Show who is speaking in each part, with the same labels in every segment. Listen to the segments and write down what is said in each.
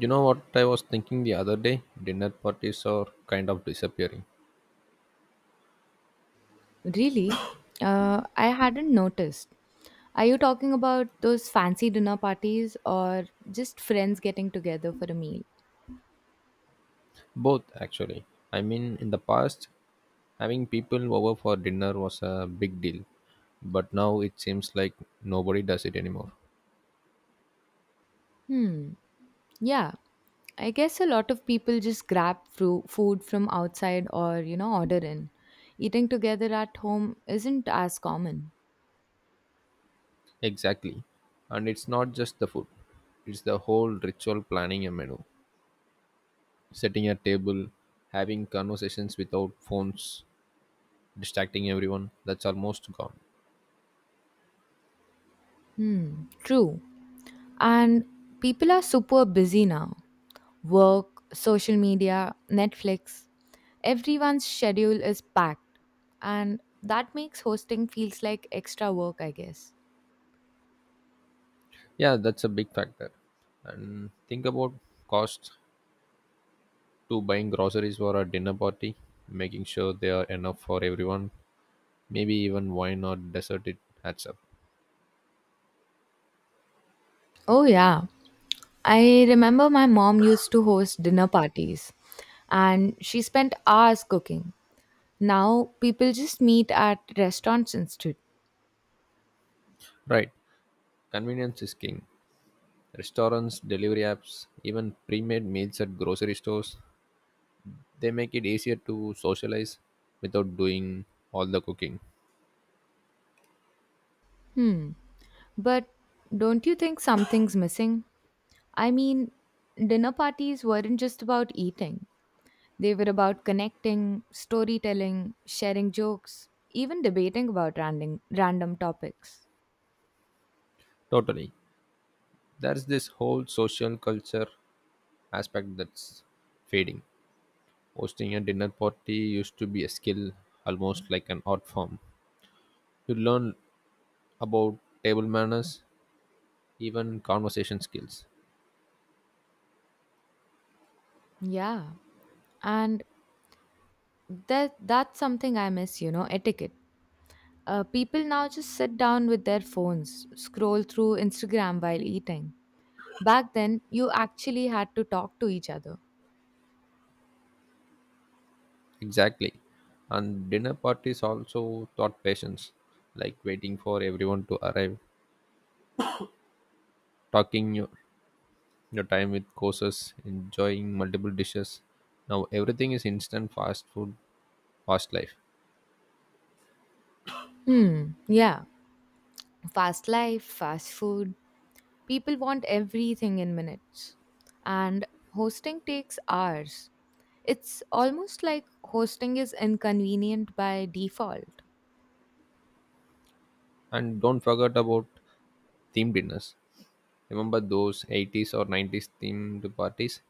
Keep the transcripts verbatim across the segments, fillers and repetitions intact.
Speaker 1: You know what I was thinking the other day? Dinner parties are kind of disappearing.
Speaker 2: Really? Uh, I hadn't noticed. Are you talking about those fancy dinner parties or just friends getting together for a meal?
Speaker 1: Both, actually. I mean, in the past, having people over for dinner was a big deal, but now it seems like nobody does it anymore.
Speaker 2: Hmm. Yeah, I guess a lot of people just grab fru- food from outside or, you know, order in. Eating together at home isn't as common.
Speaker 1: Exactly. And it's not just the food, it's the whole ritual planning a menu, setting a table, having conversations without phones, distracting everyone. That's almost gone.
Speaker 2: Hmm. True. And people are super busy now. Work, social media, Netflix. Everyone's schedule is packed, and that makes hosting feels like extra work, I guess.
Speaker 1: Yeah, that's a big factor. And think about cost. To buying groceries for a dinner party, making sure there are enough for everyone, maybe even wine or dessert it adds up.
Speaker 2: Oh yeah, I remember my mom used to host dinner parties and she spent hours cooking. Now people just meet at restaurants instead.
Speaker 1: Right, convenience is king. Restaurants, delivery apps, even pre made meals at grocery stores, they make it easier to socialize without doing all the cooking.
Speaker 2: Hmm. But don't you think something's missing? I mean, dinner parties weren't just about eating. They were about connecting, storytelling, sharing jokes, even debating about random random topics.
Speaker 1: Totally. There's this whole social culture aspect that's fading. Hosting a dinner party used to be a skill, almost like an art form. You learn about table manners, even conversation skills.
Speaker 2: Yeah, and that that's something I miss, you know, etiquette. Uh, people now just sit down with their phones, scroll through Instagram while eating. Back then, you actually had to talk to each other.
Speaker 1: Exactly. And dinner parties also taught patience, like waiting for everyone to arrive, talking your, your time with courses, enjoying multiple dishes. Now everything is instant fast food, fast life.
Speaker 2: Hmm, yeah. Fast life, fast food. People want everything in minutes. And hosting takes hours. It's almost like hosting is inconvenient by default.
Speaker 1: And don't forget about themed dinners. Remember those eighties or nineties themed parties?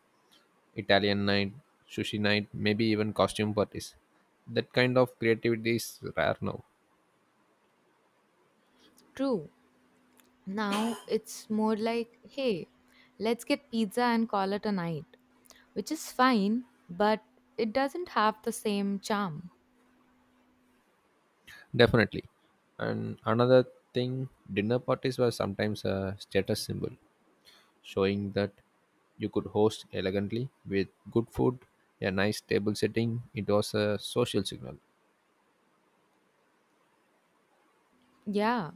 Speaker 1: Italian night, sushi night, maybe even costume parties. That kind of creativity is rare now.
Speaker 2: True. Now it's more like, hey, let's get pizza and call it a night, which is fine, but it doesn't have the same charm.
Speaker 1: Definitely. And another thing, dinner parties were sometimes a status symbol, showing that you could host elegantly with good food, a nice table setting. It was a social signal.
Speaker 2: Yeah,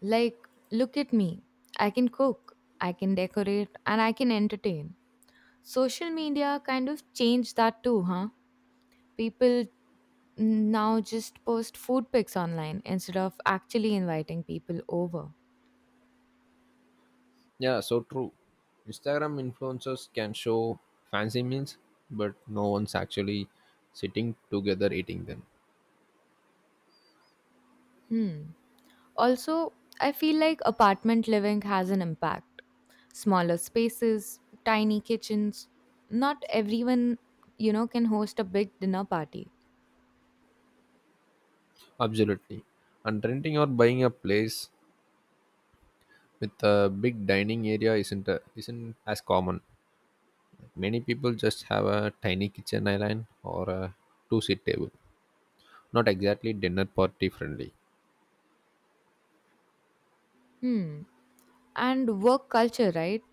Speaker 2: like, look at me. I can cook, I can decorate, and I can entertain. Social media kind of changed that too, huh? People now just post food pics online instead of actually inviting people over.
Speaker 1: Yeah, so true. Instagram influencers can show fancy meals, but no one's actually sitting together eating them.
Speaker 2: Hmm. Also, I feel like apartment living has an impact. Smaller spaces, tiny kitchens. Not everyone, you know, can host a big dinner party.
Speaker 1: Absolutely. And renting or buying a place with a big dining area isn't a, isn't as common. Many people just have a tiny kitchen island or a two seat table. Not exactly dinner party friendly.
Speaker 2: Hmm. And work culture, right?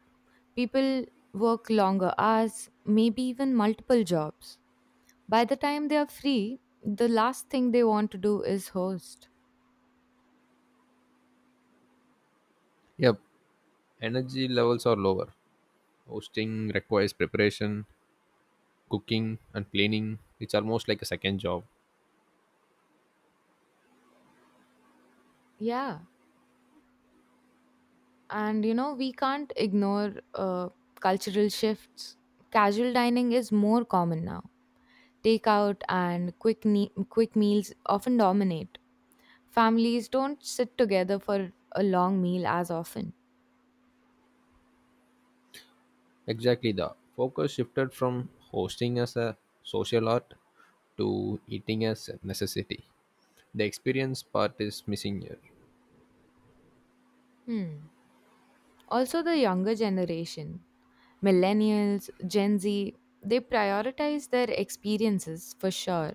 Speaker 2: People work longer hours, maybe even multiple jobs. By the time they are free, the last thing they want to do is host.
Speaker 1: Yep, energy levels are lower. Hosting requires preparation, cooking, and cleaning. It's almost like a second job.
Speaker 2: Yeah. And you know, we can't ignore uh, cultural shifts. Casual dining is more common now. Takeout and quick, ne- quick meals often dominate. Families don't sit together for a long meal as often.
Speaker 1: Exactly, the focus shifted from hosting as a social art to eating as a necessity. The experience part is missing here.
Speaker 2: Hmm. Also, the younger generation, millennials, Gen Z, they prioritize their experiences for sure,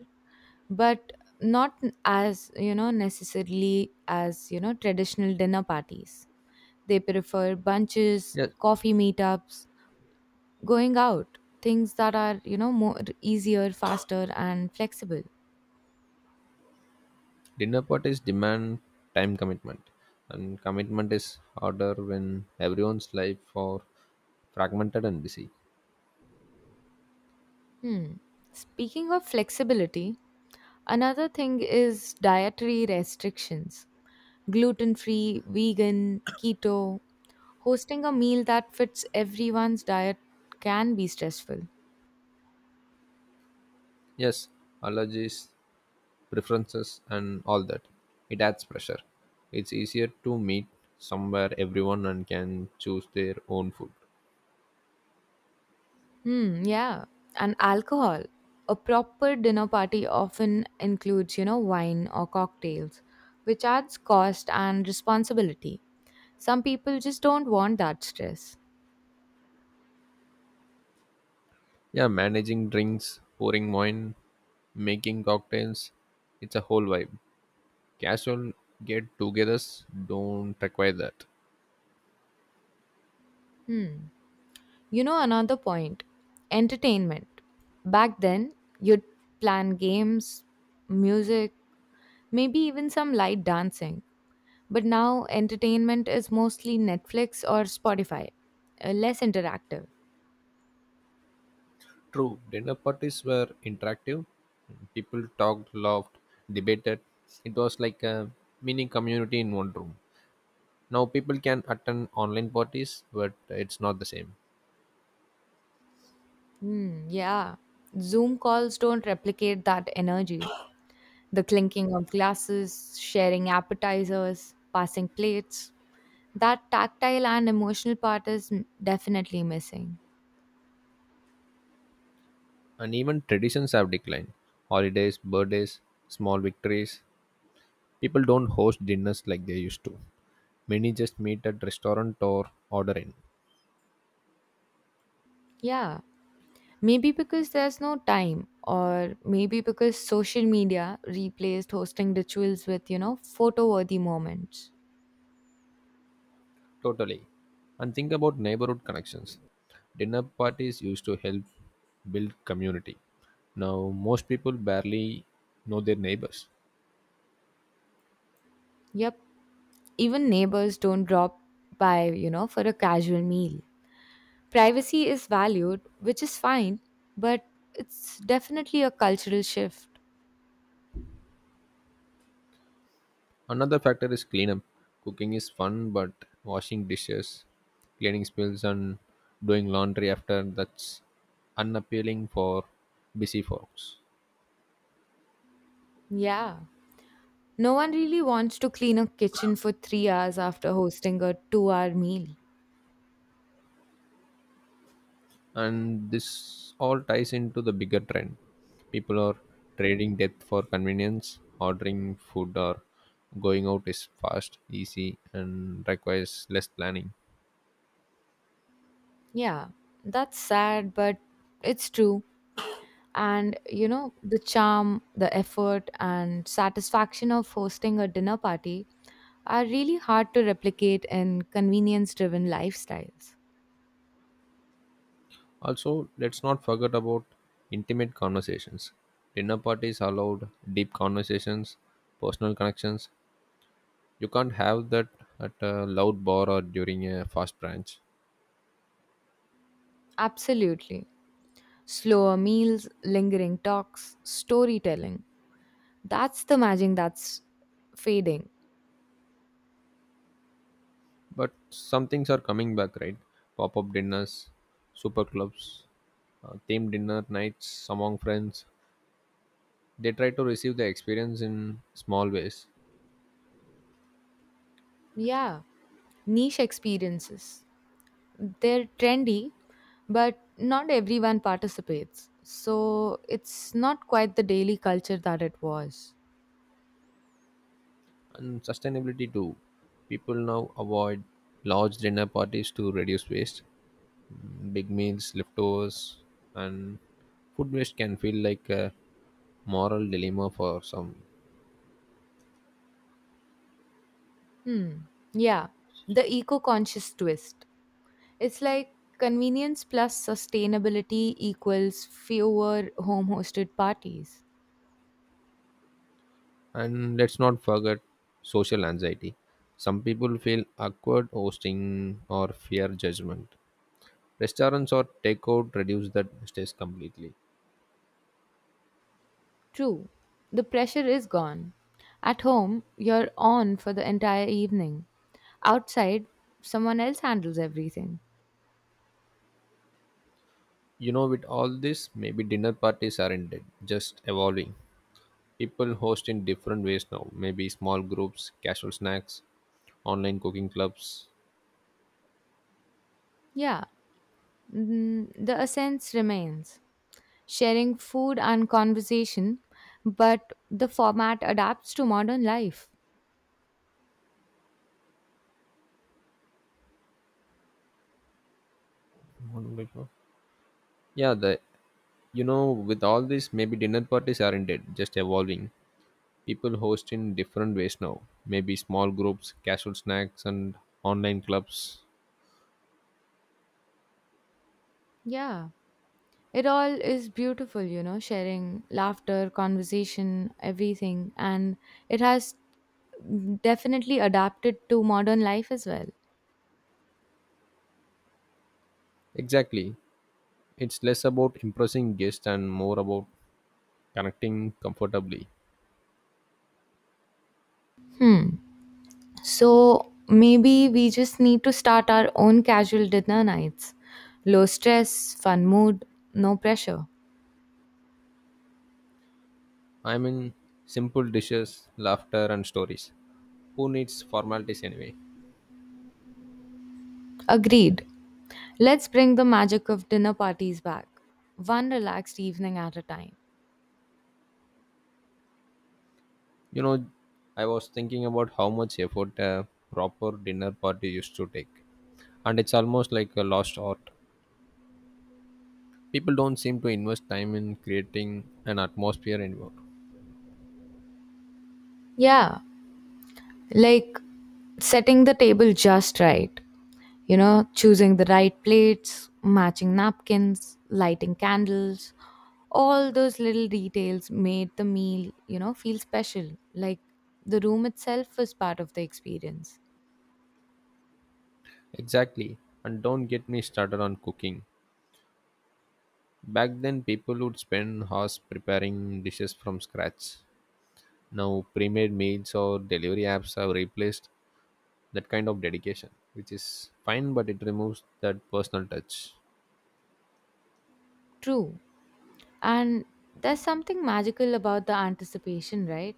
Speaker 2: but not as, you know, necessarily as, you know, traditional dinner parties. They prefer bunches,
Speaker 1: Yes.
Speaker 2: coffee meetups, going out, things that are, you know, more easier, faster, and flexible.
Speaker 1: Dinner parties demand time commitment, and commitment is harder when everyone's life are fragmented and busy.
Speaker 2: Hmm. Speaking of flexibility, another thing is dietary restrictions. Gluten free, vegan, keto. Hosting a meal that fits everyone's diet can be stressful.
Speaker 1: Yes, allergies, preferences, and all that. It adds pressure. It's easier to meet somewhere everyone and can choose their own food.
Speaker 2: Hmm, yeah. And alcohol. A proper dinner party often includes, you know, wine or cocktails, which adds cost and responsibility. Some people just don't want that stress.
Speaker 1: Yeah, managing drinks, pouring wine, making cocktails, it's a whole vibe. Casual get togethers don't require that.
Speaker 2: Hmm. You know, another point, entertainment. Back then, you'd plan games, music, maybe even some light dancing. But now, entertainment is mostly Netflix or Spotify, uh, less interactive.
Speaker 1: True, dinner parties were interactive. People talked, laughed, debated. It was like a mini community in one room. Now people can attend online parties, but it's not the same.
Speaker 2: Hmm, yeah. Zoom calls don't replicate that energy. The clinking of glasses, sharing appetizers, passing plates. That tactile and emotional part is m- definitely missing.
Speaker 1: And even traditions have declined. Holidays, birthdays, small victories. People don't host dinners like they used to. Many just meet at restaurant or order in.
Speaker 2: Yeah. Maybe because there's no time, or maybe because social media replaced hosting rituals with, you know, photo worthy moments.
Speaker 1: Totally. And think about neighborhood connections. Dinner parties used to help build community. Now, most people barely know their neighbors.
Speaker 2: Yep, even neighbors don't drop by, you know, for a casual meal. Privacy is valued, which is fine, but it's definitely a cultural shift.
Speaker 1: Another factor is cleanup. Cooking is fun, but washing dishes, cleaning spills, and doing laundry after that's unappealing for busy folks.
Speaker 2: Yeah. No one really wants to clean a kitchen for three hours after hosting a two hour meal.
Speaker 1: And this all ties into the bigger trend people are trading depth for convenience ordering food or going out is fast easy and requires less planning.
Speaker 2: Yeah, that's sad, but it's true. And you know, the charm, the effort and satisfaction of hosting a dinner party are really hard to replicate in convenience driven lifestyles.
Speaker 1: Also, let's not forget about intimate conversations. Dinner parties allowed deep conversations, personal connections. You can't have that at a loud bar or during a fast brunch.
Speaker 2: Absolutely. Slower meals, lingering talks, storytelling. That's the magic that's fading.
Speaker 1: But some things are coming back, right? Pop up dinners, super clubs, uh, themed dinner nights among friends. They try to receive the experience in small ways.
Speaker 2: Yeah. Niche experiences. They're trendy, but not everyone participates. So it's not quite the daily culture that it was.
Speaker 1: And sustainability too. People now avoid large dinner parties to reduce waste. Mm, Big meals, leftovers, and food waste can feel like a moral dilemma for some.
Speaker 2: Hmm. Yeah. The eco conscious twist. It's like convenience plus sustainability equals fewer home hosted parties.
Speaker 1: And let's not forget social anxiety. Some people feel awkward hosting or fear judgment. Restaurants or takeout reduce that stress completely.
Speaker 2: True. The pressure is gone. At home, you're on for the entire evening. Outside, someone else handles everything.
Speaker 1: You know, with all this, maybe dinner parties aren't dead, just evolving. People host in different ways now. Maybe small groups, casual snacks, online cooking clubs.
Speaker 2: Yeah, mm, the essence remains. Sharing food and conversation, but the format adapts to modern life.
Speaker 1: What do they call? Yeah, the you know, with all this, maybe dinner parties aren't dead, just evolving. People host in different ways now. Maybe small groups, casual snacks, and online clubs.
Speaker 2: Yeah. It all is beautiful, you know, sharing laughter, conversation, everything. And it has definitely adapted to modern life as well.
Speaker 1: Exactly. It's less about impressing guests and more about connecting comfortably.
Speaker 2: Hmm. So maybe we just need to start our own casual dinner nights. Low stress, fun mood, no pressure.
Speaker 1: I mean, simple dishes, laughter, and stories. Who needs formalities anyway?
Speaker 2: Agreed. Let's bring the magic of dinner parties back, one relaxed evening at a time.
Speaker 1: You know, I was thinking about how much effort a proper dinner party used to take, and it's almost like a lost art. People don't seem to invest time in creating an atmosphere anymore.
Speaker 2: Yeah, like setting the table just right, you know, choosing the right plates, matching napkins, lighting candles, all those little details made the meal, you know, feel special. Like the room itself was part of the experience.
Speaker 1: Exactly. And don't get me started on cooking. Back then, people would spend hours preparing dishes from scratch. Now, pre made meals or delivery apps have replaced that kind of dedication, which is fine, but it removes that personal touch.
Speaker 2: True. And there's something magical about the anticipation, right?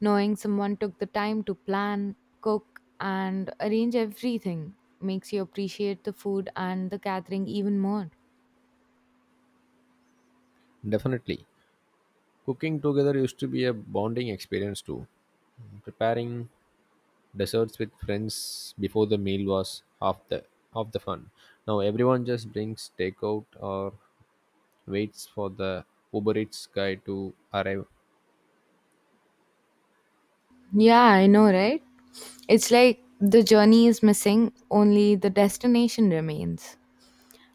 Speaker 2: Knowing someone took the time to plan, cook, and arrange everything makes you appreciate the food and the gathering even more.
Speaker 1: Definitely. Cooking together used to be a bonding experience too. Preparing desserts with friends before the meal was half the half the fun. Now everyone just brings takeout or waits for the Uber Eats guy to arrive.
Speaker 2: Yeah, I know, right? It's like the journey is missing, only the destination remains.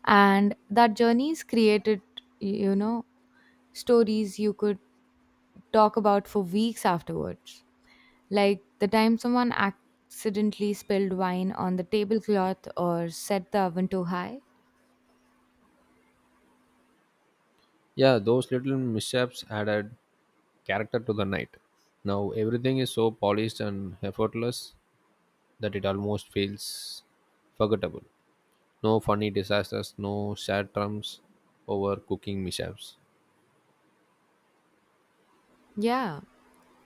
Speaker 2: And that journey's created, you know, stories you could talk about for weeks afterwards. Like the time someone accidentally spilled wine on the tablecloth or set the oven too high.
Speaker 1: Yeah, those little mishaps added character to the night. Now everything is so polished and effortless that it almost feels forgettable. No funny disasters, no sad trumps over cooking mishaps.
Speaker 2: Yeah,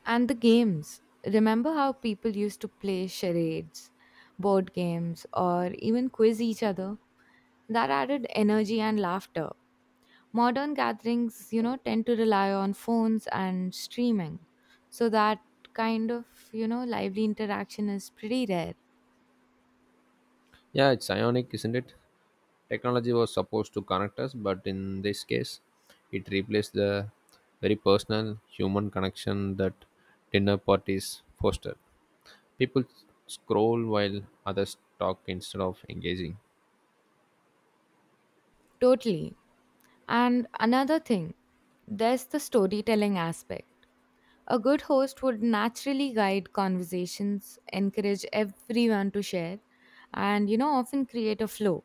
Speaker 2: and the games. Remember how people used to play charades, board games, or even quiz each other? That added energy and laughter. Modern gatherings, you know, tend to rely on phones and streaming. So that kind of, you know, lively interaction is pretty rare.
Speaker 1: Yeah, it's ionic, isn't it? Technology was supposed to connect us, but in this case, it replaced the very personal human connection that dinner parties foster. People scroll while others talk instead of engaging.
Speaker 2: Totally. And another thing, there's the storytelling aspect. A good host would naturally guide conversations, encourage everyone to share, and you know, often create a flow.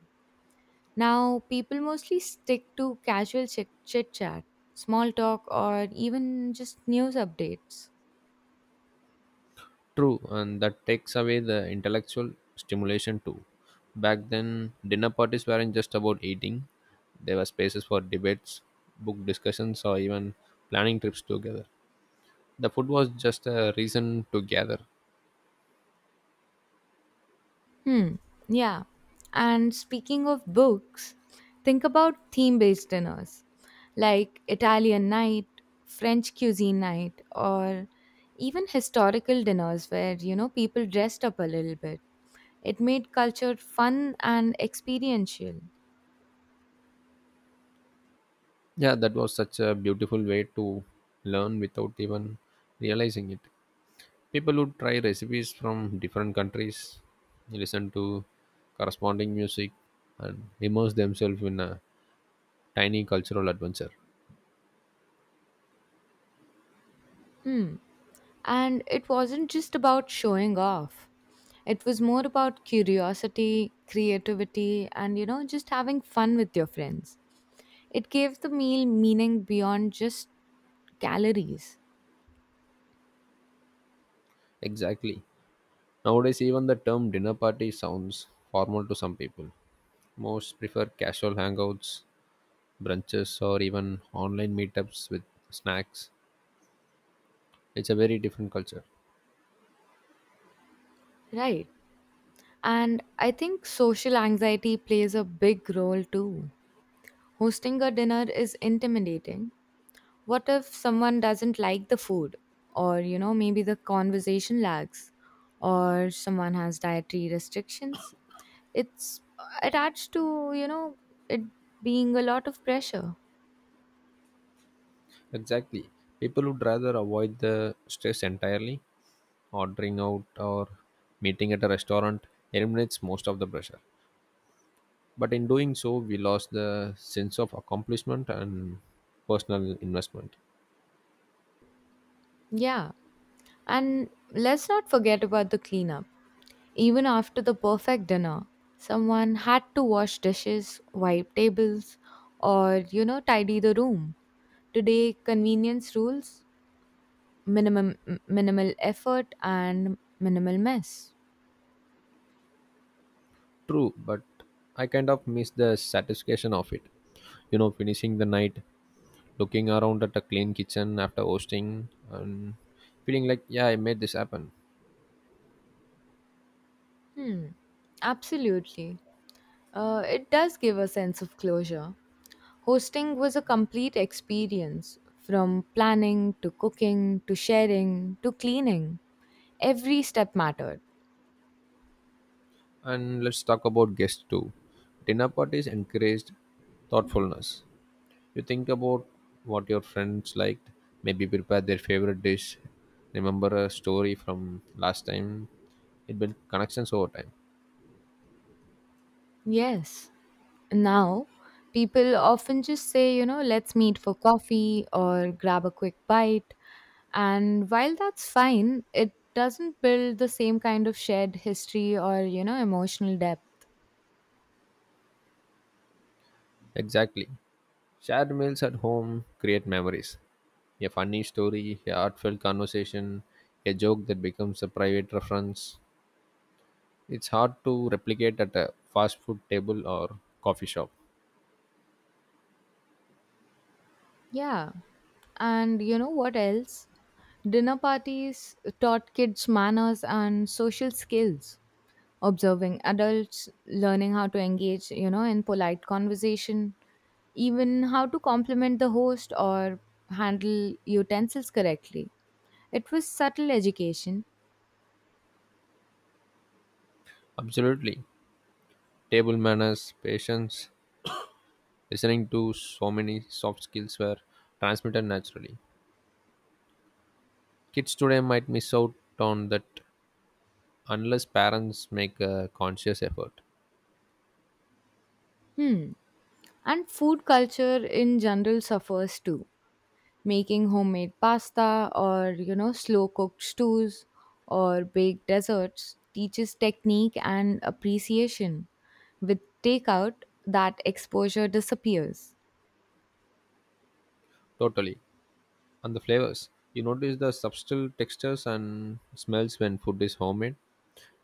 Speaker 2: Now, people mostly stick to casual chit chat, small talk, or even just news updates.
Speaker 1: True, and that takes away the intellectual stimulation too. Back then, dinner parties weren't just about eating, there were spaces for debates, book discussions, or even planning trips together. The food was just a reason to gather.
Speaker 2: Hmm, yeah. And speaking of books, think about theme based dinners like Italian night, French cuisine night, or even historical dinners where you know people dressed up a little bit. It made culture fun and experiential.
Speaker 1: Yeah, that was such a beautiful way to learn without even realizing it. People would try recipes from different countries, listen to corresponding music, and immerse themselves in a tiny cultural adventure.
Speaker 2: Hmm. And it wasn't just about showing off. It was more about curiosity, creativity, and you know, just having fun with your friends. It gave the meal meaning beyond just calories.
Speaker 1: Exactly, nowadays even the term dinner party sounds formal to some people. Most prefer casual hangouts, brunches, or even online meetups with snacks. It's a very different culture.
Speaker 2: Right? And I think social anxiety plays a big role too. Hosting a dinner is intimidating. What if someone doesn't like the food? Or, you know, maybe the conversation lags, or someone has dietary restrictions. It's attached to, you know, it being a lot of pressure.
Speaker 1: Exactly, people would rather avoid the stress entirely. Ordering out or meeting at a restaurant eliminates most of the pressure. But in doing so, we lost the sense of accomplishment and personal investment.
Speaker 2: Yeah. And let's not forget about the cleanup. Even after the perfect dinner, someone had to wash dishes, wipe tables, or, you know, tidy the room. Today, convenience rules, minimum m- minimal effort and minimal mess.
Speaker 1: True, but I kind of miss the satisfaction of it. You know, finishing the night, looking around at a clean kitchen after hosting, and feeling like, yeah, I made this happen.
Speaker 2: Hmm, absolutely. Uh, it does give a sense of closure. Hosting was a complete experience from planning to cooking to sharing to cleaning. Every step mattered.
Speaker 1: And let's talk about guests too. Dinner parties encouraged thoughtfulness. You think about what your friends liked, maybe prepare their favorite dish, remember a story from last time. It builds connections over time.
Speaker 2: Yes. Now, people often just say, you know, let's meet for coffee or grab a quick bite. And while that's fine, it doesn't build the same kind of shared history or, you know, emotional depth.
Speaker 1: Exactly. Shared meals at home create memories. A funny story, a heartfelt conversation, a joke that becomes a private reference. It's hard to replicate at a fast food table or coffee shop.
Speaker 2: Yeah. And you know what else? Dinner parties taught kids manners and social skills, observing adults, learning how to engage, you know, in polite conversation, even how to compliment the host or handle utensils correctly. It was subtle education.
Speaker 1: Absolutely. Table manners, patience, listening to so many soft skills were transmitted naturally. Kids today might miss out on that unless parents make a conscious effort.
Speaker 2: Hmm. And food culture in general suffers too. Making homemade pasta or you know slow cooked stews or baked desserts teaches technique and appreciation. With takeout, that exposure disappears.
Speaker 1: Totally. And the flavors. You notice the subtle textures and smells when food is homemade.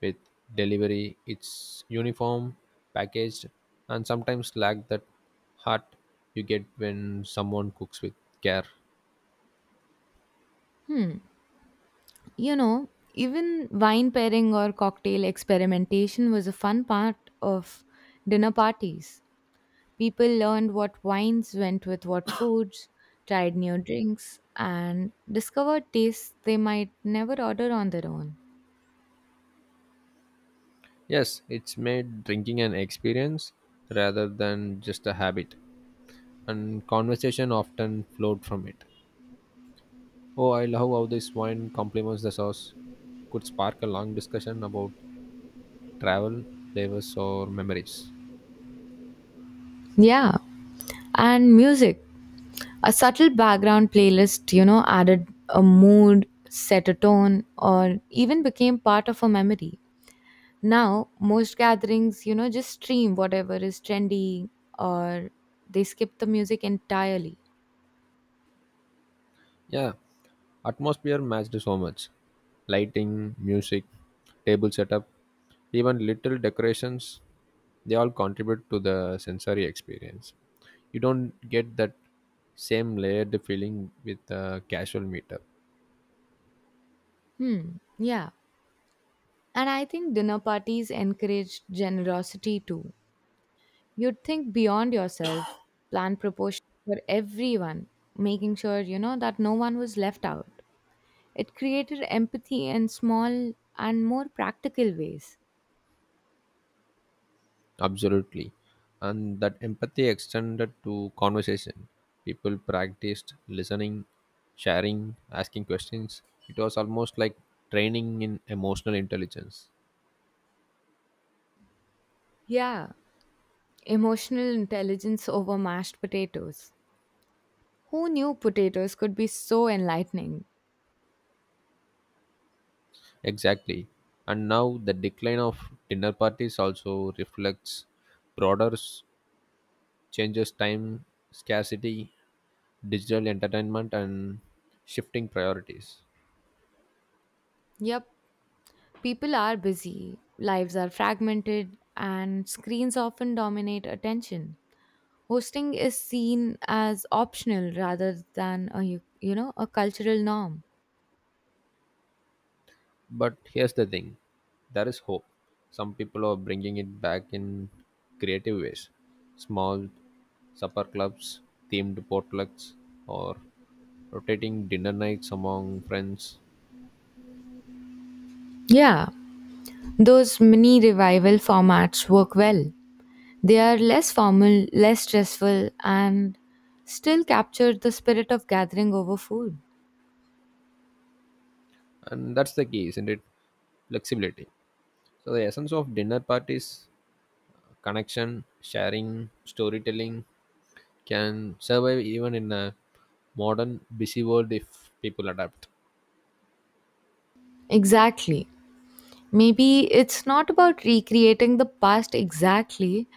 Speaker 1: With delivery, it's uniform, packaged, and sometimes lack that heart you get when someone cooks with care.
Speaker 2: Hmm, you know, even wine pairing or cocktail experimentation was a fun part of dinner parties. People learned what wines went with what foods, tried new drinks and discovered tastes they might never order on their own.
Speaker 1: Yes, it's made drinking an experience rather than just a habit, and conversation often flowed from it. Oh, I love how this wine complements the sauce. Could spark a long discussion about travel, flavors, or memories.
Speaker 2: Yeah, and music. A subtle background playlist, you know, added a mood, set a tone, or even became part of a memory. Now, most gatherings, you know, just stream whatever is trendy or they skip the music entirely.
Speaker 1: Yeah, atmosphere matched so much. Lighting, music, table setup, even little decorations, they all contribute to the sensory experience. You don't get that same layered feeling with a casual meetup.
Speaker 2: Hmm, yeah. And I think dinner parties encourage generosity too. You'd think beyond yourself, plan proportions for everyone, making sure, you know, that no one was left out. It created empathy in small and more practical ways.
Speaker 1: Absolutely. And that empathy extended to conversation. People practiced listening, sharing, asking questions. It was almost like training in emotional intelligence.
Speaker 2: Yeah, emotional intelligence over mashed potatoes. Who knew potatoes could be so enlightening?
Speaker 1: Exactly. And now the decline of dinner parties also reflects broader s- changes, time scarcity, digital entertainment, and shifting priorities.
Speaker 2: Yep, people are busy, lives are fragmented, and screens often dominate attention. Hosting is seen as optional rather than a you you know a cultural norm.
Speaker 1: But here's the thing, there is hope. Some people are bringing it back in creative ways. Small supper clubs, themed potlucks, or rotating dinner nights among friends.
Speaker 2: Yeah, those mini revival formats work well. They are less formal, less stressful, and still capture the spirit of gathering over food.
Speaker 1: And that's the key, isn't it? Flexibility. So, the essence of dinner parties, connection, sharing, storytelling can survive even in a modern, busy world if people adapt.
Speaker 2: Exactly. Maybe it's not about recreating the past exactly,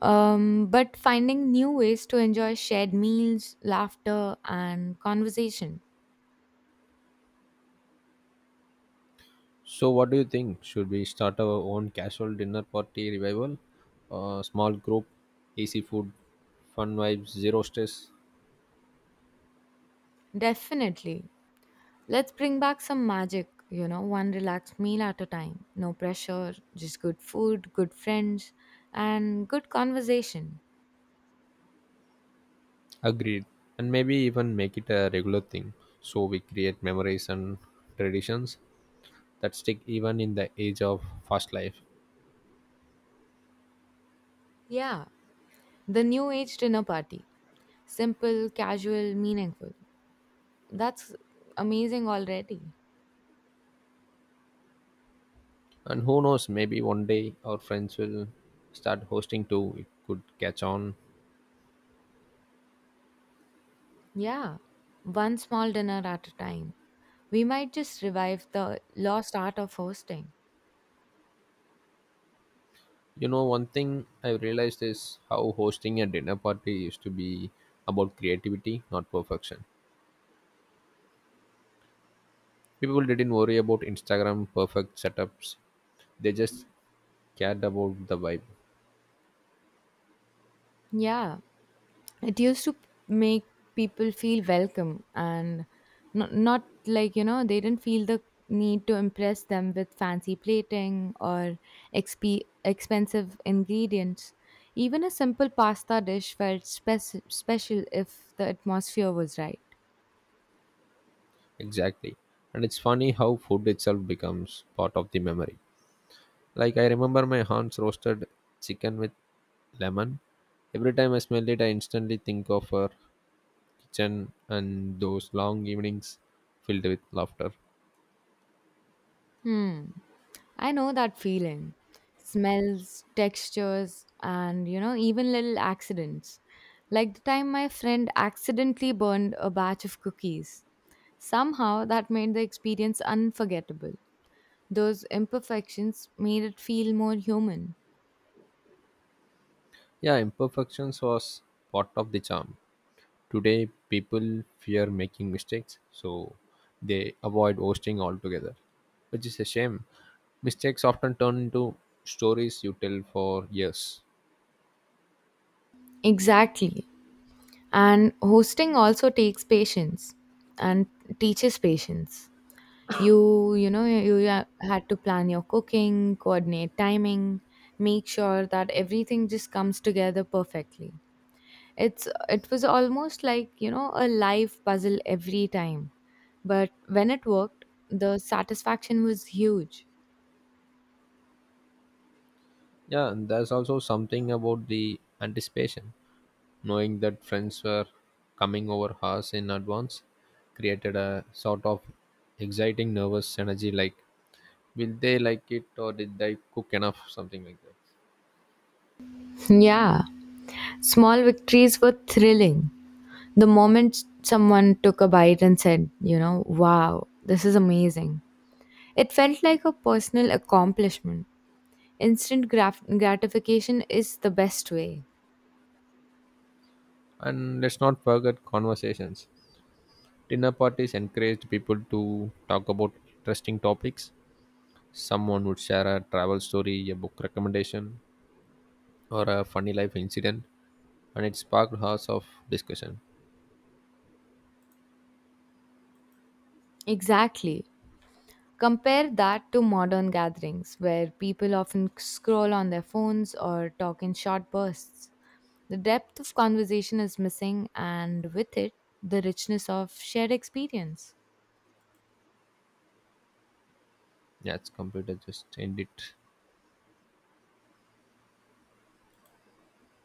Speaker 2: um, but finding new ways to enjoy shared meals, laughter, and conversation.
Speaker 1: So, what do you think? Should we start our own casual dinner party revival? Uh, small group, easy food, fun vibes, zero stress.
Speaker 2: Definitely. Let's bring back some magic, you know, one relaxed meal at a time. No pressure, just good food, good friends, and good conversation.
Speaker 1: Agreed. And maybe even make it a regular thing so we create memories and traditions that stick even in the age of fast life.
Speaker 2: Yeah, the new age dinner party. Simple, casual, meaningful. That's amazing already.
Speaker 1: And who knows, maybe one day our friends will start hosting too. It could catch on.
Speaker 2: Yeah, one small dinner at a time. We might just revive the lost art of hosting.
Speaker 1: You know, one thing I realized is how hosting a dinner party used to be about creativity, not perfection. People didn't worry about Instagram perfect setups. They just cared about the vibe.
Speaker 2: Yeah, it used to p- make people feel welcome and not, not like, you know, they didn't feel the need to impress them with fancy plating or exp- expensive ingredients. Even a simple pasta dish felt spec- special if the atmosphere was right.
Speaker 1: Exactly. And it's funny how food itself becomes part of the memory. Like I remember my aunt's roasted chicken with lemon. Every time I smell it, I instantly think of her kitchen and those long evenings filled with laughter.
Speaker 2: Hmm. I know that feeling. Smells, textures, and you know, even little accidents. Like the time my friend accidentally burned a batch of cookies. Somehow that made the experience unforgettable. Those imperfections made it feel more human.
Speaker 1: Yeah, imperfections was part of the charm. Today, people fear making mistakes, so they avoid hosting altogether, which is a shame. Mistakes often turn into stories you tell for years.
Speaker 2: Exactly. And hosting also takes patience and teaches patience. You, you know, you, you ha- had to plan your cooking, coordinate timing, make sure that everything just comes together perfectly. It's it was almost like, you know, a live puzzle every time. But when it worked, the satisfaction was huge.
Speaker 1: Yeah, and there's also something about the anticipation. Knowing that friends were coming over us in advance created a sort of exciting nervous energy like will they like it or did they cook enough something like that.
Speaker 2: Yeah, small victories were thrilling. The moment someone took a bite and said, you know, wow, this is amazing, it felt like a personal accomplishment. Instant graf- gratification is the best way.
Speaker 1: And let's not forget conversations. Dinner parties encouraged people to talk about interesting topics. Someone would share a travel story, a book recommendation, or a funny life incident, and it sparked hours of discussion.
Speaker 2: Exactly. Compare that to modern gatherings where people often scroll on their phones or talk in short bursts. The depth of conversation is missing, and with it, the richness of shared experience.
Speaker 1: Yeah, it's computer just end it.